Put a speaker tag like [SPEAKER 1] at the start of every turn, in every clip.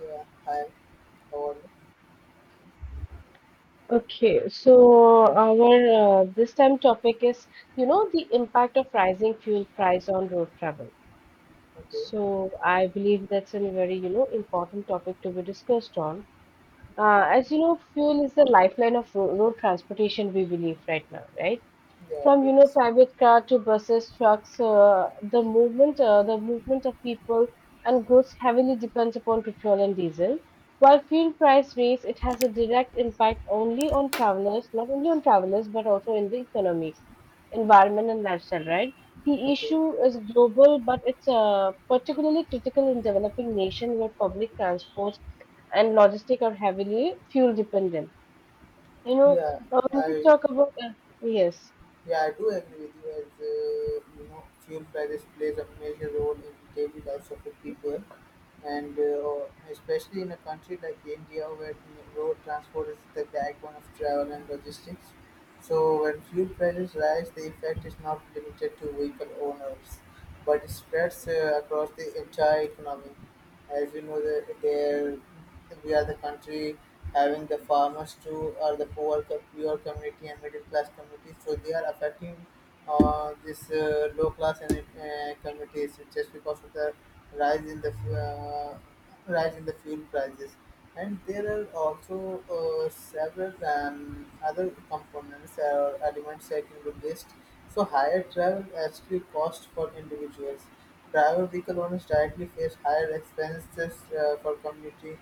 [SPEAKER 1] Yeah, hi, all.
[SPEAKER 2] Okay, so our this time topic is, you know, the impact of rising fuel price on road travel.
[SPEAKER 1] Okay,
[SPEAKER 2] So I believe that's a very, you know, important topic to be discussed on. As you know, fuel is the lifeline of ro road transportation, we believe right now, right?
[SPEAKER 1] yeah,
[SPEAKER 2] From you know
[SPEAKER 1] yes.
[SPEAKER 2] private car to buses, trucks, the movement of people and goods heavily depends upon petrol and diesel. While fuel price raise, it has a direct impact only on travelers, not only on travelers but also in the economy, environment, and lifestyle. Right? The
[SPEAKER 1] Okay,
[SPEAKER 2] issue is global, but it's particularly critical in developing nations where public transport and logistic are heavily fuel dependent. You know,
[SPEAKER 1] yeah,
[SPEAKER 2] when we
[SPEAKER 1] I
[SPEAKER 2] talk about yes,
[SPEAKER 1] yeah I do agree with you, as you know, fuel prices plays a major role in daily lives of the people, and especially in a country like India where the road transport is the backbone of travel and logistics. So when fuel prices rise, the effect is not limited to vehicle owners, but spreads across the entire economy. As we know, that there we are the country having the farmers too, or the poor, poor community and middle class community. So they are affecting this low class and communities just because of the rise in the uh, rise in the fuel prices. And there are also several other components or elements I can list. So higher travel actually cost for individuals. Driver vehicle owners directly face higher expenses for community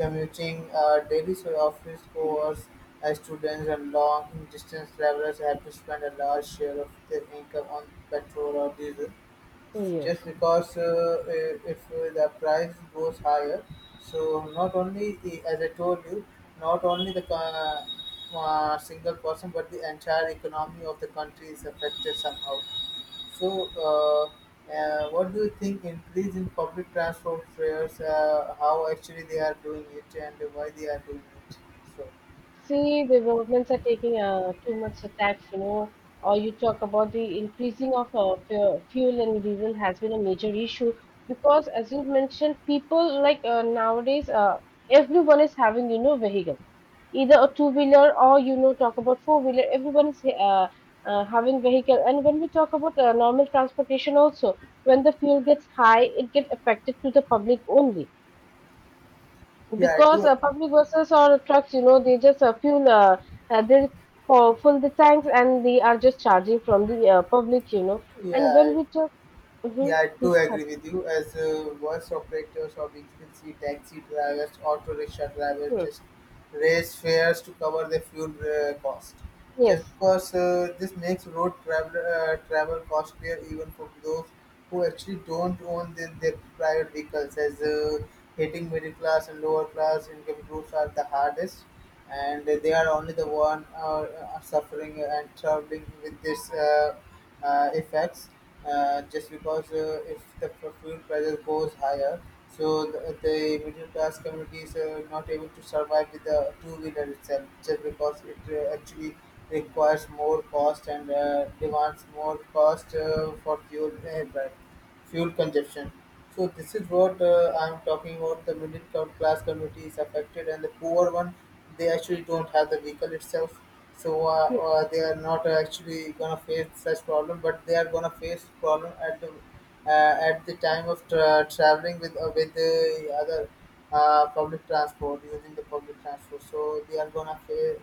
[SPEAKER 1] commuting, daily office hours, as students and long distance travelers have to spend a large share of their income on petrol or diesel, just
[SPEAKER 2] yes.
[SPEAKER 1] because if the price goes higher. So not only the, as I told you not only the single person, but the entire economy of the country is affected somehow. So uh, what do you think? Increase in public transport fares, how actually they are doing it and why they are doing it? So
[SPEAKER 2] See, the governments are taking too much tax, you know, or you talk about the increasing of fuel and diesel has been a major issue because, as you mentioned, people nowadays, everyone is having, you know, vehicle, either a two-wheeler or, you know, talk about four-wheeler, everyone is having vehicle. And when we talk about normal transportation also, when the fuel gets high, it gets affected to the public only
[SPEAKER 1] yeah, I
[SPEAKER 2] because
[SPEAKER 1] do.
[SPEAKER 2] public buses or trucks, you know, they for full the tanks and they are just charging from the public, you know. And when
[SPEAKER 1] Yeah.
[SPEAKER 2] we took, mm-hmm,
[SPEAKER 1] Yeah, I do
[SPEAKER 2] this,
[SPEAKER 1] agree with you. As voice operators or agency, taxi drivers, auto rickshaw drivers just raise fares to cover the fuel cost.
[SPEAKER 2] yes,
[SPEAKER 1] Just because this makes road travel travel costlier even for those who actually don't own their private vehicles, as hitting middle class and lower class income groups are the hardest, and they are only the one suffering and traveling with this. Effects, just because if the fuel prices goes higher, so the middle class communities are not able to survive with the two wheeler itself, just because it actually requires more cost and demands more cost for fuel consumption. So this is what I'm talking about. The middle class community is affected, and the poor one, they actually don't have the vehicle itself. So
[SPEAKER 2] yes,
[SPEAKER 1] they are not actually gonna face such problem, but they are gonna face problem at the time of traveling with the other, public transport, using the public transport. So they are gonna face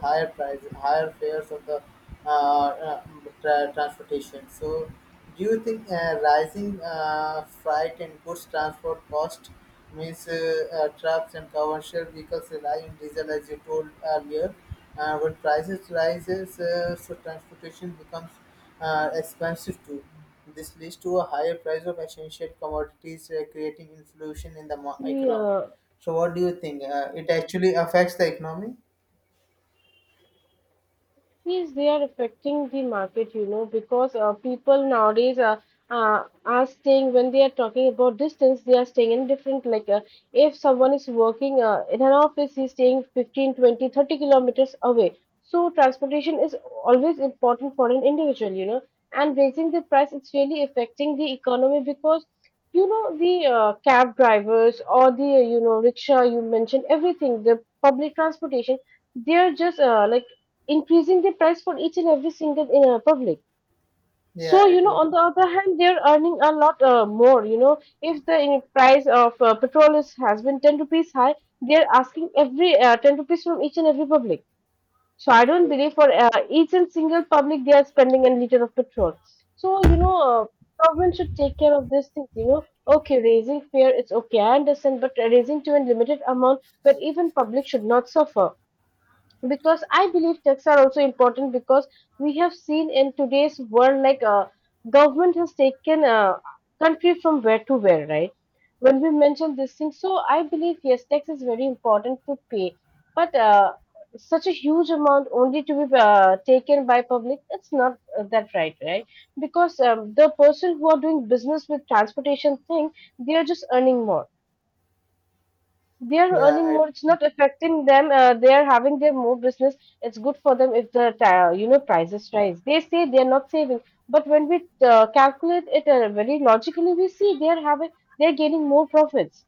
[SPEAKER 1] higher price, higher fares of the uh, uh, transportation. So, do you think rising freight and goods transport cost, means trucks and commercial vehicles rely on diesel, as you told earlier? When prices rises, so transportation becomes expensive too. This leads to a higher price of essential commodities, creating inflation in the
[SPEAKER 2] see,
[SPEAKER 1] economy. So what do you think? It actually affects the economy?
[SPEAKER 2] yes, they are affecting the market, you know, because people nowadays are staying when they are talking about distance, they are staying in different like, if someone is working in an office, he's staying 15, 20, 30 kilometers away. So transportation is always important for an individual, you know, and raising the price, it's really affecting the economy because you know the cab drivers or the you know rickshaw you mentioned everything, the public transportation, they are just increasing the price for each and every single public. So
[SPEAKER 1] Yeah, I
[SPEAKER 2] you know
[SPEAKER 1] do.
[SPEAKER 2] on the other hand they're earning a lot more you know if the price of petrol is has been 10 rupees high, they're asking every 10 rupees from each and every public. So I don't believe for each and single public they are spending a liter of petrol. So you know, government should take care of these things, you know. Okay, raising fare it's okay I understand, but raising to a limited amount where even public should not suffer, because I believe texts are also important because we have seen in today's world like, government has taken country from where to where, right? When we mention this thing, so I believe yes, tax is very important to pay, but such a huge amount only to be taken by public, it's not that right, right? Because the person who are doing business with transportation thing, they are just earning more. They are
[SPEAKER 1] Yeah,
[SPEAKER 2] earning more, it's
[SPEAKER 1] I.
[SPEAKER 2] not affecting them, they are having their more business. It's good for them if the you know prices rise they say they are not saving, but when we calculate it very logically we see they are having, they are gaining more profits.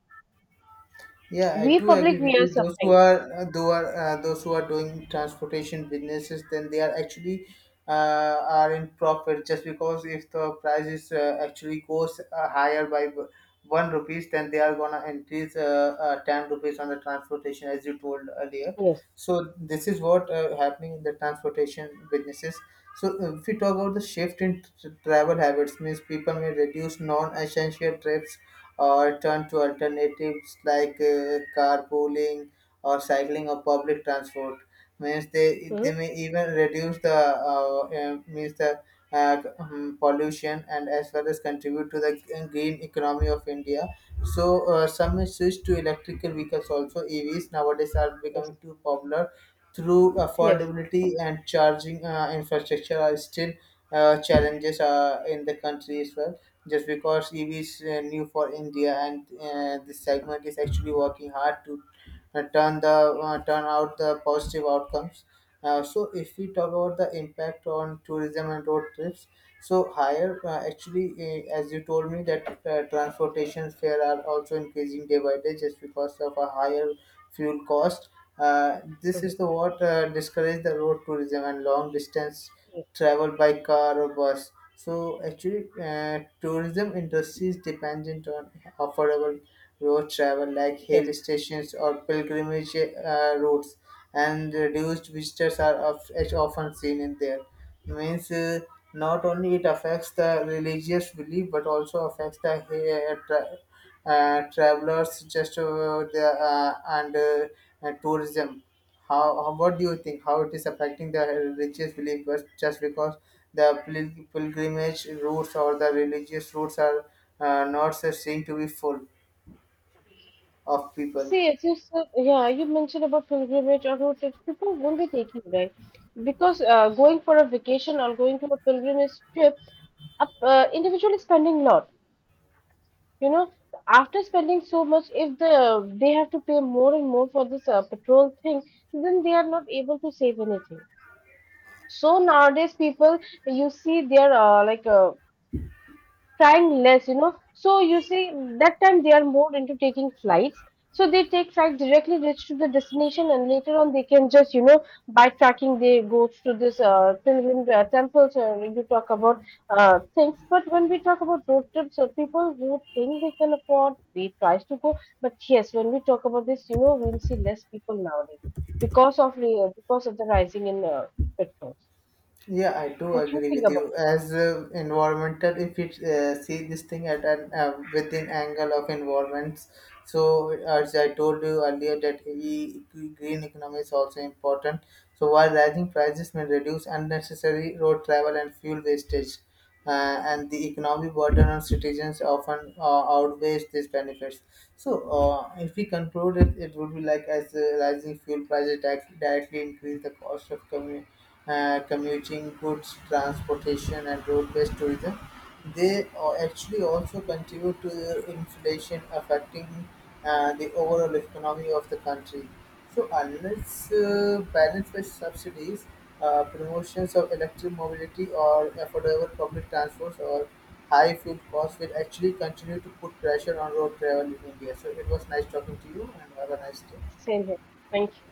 [SPEAKER 1] Yeah, I
[SPEAKER 2] We
[SPEAKER 1] do
[SPEAKER 2] public,
[SPEAKER 1] agree with
[SPEAKER 2] we are
[SPEAKER 1] you. Those who
[SPEAKER 2] suffering.
[SPEAKER 1] are those who are doing transportation businesses, then they are actually are in profit, just because if the price is actually goes higher by one rupees, then they are gonna increase ten rupees on the transportation, as you told earlier.
[SPEAKER 2] Yes.
[SPEAKER 1] So this is what happening in the transportation businesses. So if we talk about the shift in travel habits, means people may reduce non-essential trips or turn to alternatives like carpooling or cycling or public transport. Means they
[SPEAKER 2] Hmm.
[SPEAKER 1] they may even reduce the means the pollution, and as well as contribute to the green economy of India. So some may switch to electrical vehicles also. EVs nowadays are
[SPEAKER 2] Yes.
[SPEAKER 1] becoming too popular, through
[SPEAKER 2] Yes.
[SPEAKER 1] affordability and charging infrastructure are still challenges in the country as well, just because EV is new for India, and this segment is actually working hard to turn out the positive outcomes. So if we talk about the impact on tourism and road trips, so higher actually as you told me that transportation fare are also increasing day by day, just because of a higher fuel cost. This
[SPEAKER 2] Hmm.
[SPEAKER 1] is the what discourage the road tourism and long distance travel by car or bus. So actually, tourism industry is dependent on affordable road travel like
[SPEAKER 2] Yes,
[SPEAKER 1] hill stations or pilgrimage routes, and reduced visitors are is often seen in there. Means not only it affects the religious belief but also affects the travelers, just the, uh, and tourism. How what do you think? How it is affecting the religious believers, just because the pilgrimage routes or the religious routes are not so seen to be full of people.
[SPEAKER 2] see as you yeah you mentioned about pilgrimage or road trips people won't be taking, right? Because going for a vacation or going to a pilgrimage trip up, individually spending lot. You know, after spending so much, if they have to pay more and more for this petrol thing, then they are not able to save anything. So nowadays, people, you see they are like, trying less, you know. So you see, that time they are more into taking flights. So they take flight directly reach to the destination, and later on they can just, you know, by tracking they go to this pilgrim temples. Or you talk about things, but when we talk about road trips, or people who think they can afford, they tries to go. But yes, when we talk about this, you know, we'll see less people nowadays because of the rising in petrols.
[SPEAKER 1] Yeah, I do
[SPEAKER 2] What do you
[SPEAKER 1] agree
[SPEAKER 2] think
[SPEAKER 1] with
[SPEAKER 2] about it?
[SPEAKER 1] you. As environmental, if you see this thing at an within angle of environments, so as I told you earlier, that green economy is also important. So while rising prices may reduce unnecessary road travel and fuel wastage, and the economic burden on citizens often outweighs these benefits. So, if we conclude it, it would be like, as rising fuel prices directly increase the cost of commuting, goods transportation, and road-based tourism. They actually also contribute to the inflation, affecting the overall economy of the country. So unless balanced by subsidies, promotions of electric mobility or affordable public transports, or high fuel costs will actually continue to put pressure on road travel in India. So it was nice talking to you, and have a nice day.
[SPEAKER 2] Same here. Thank you.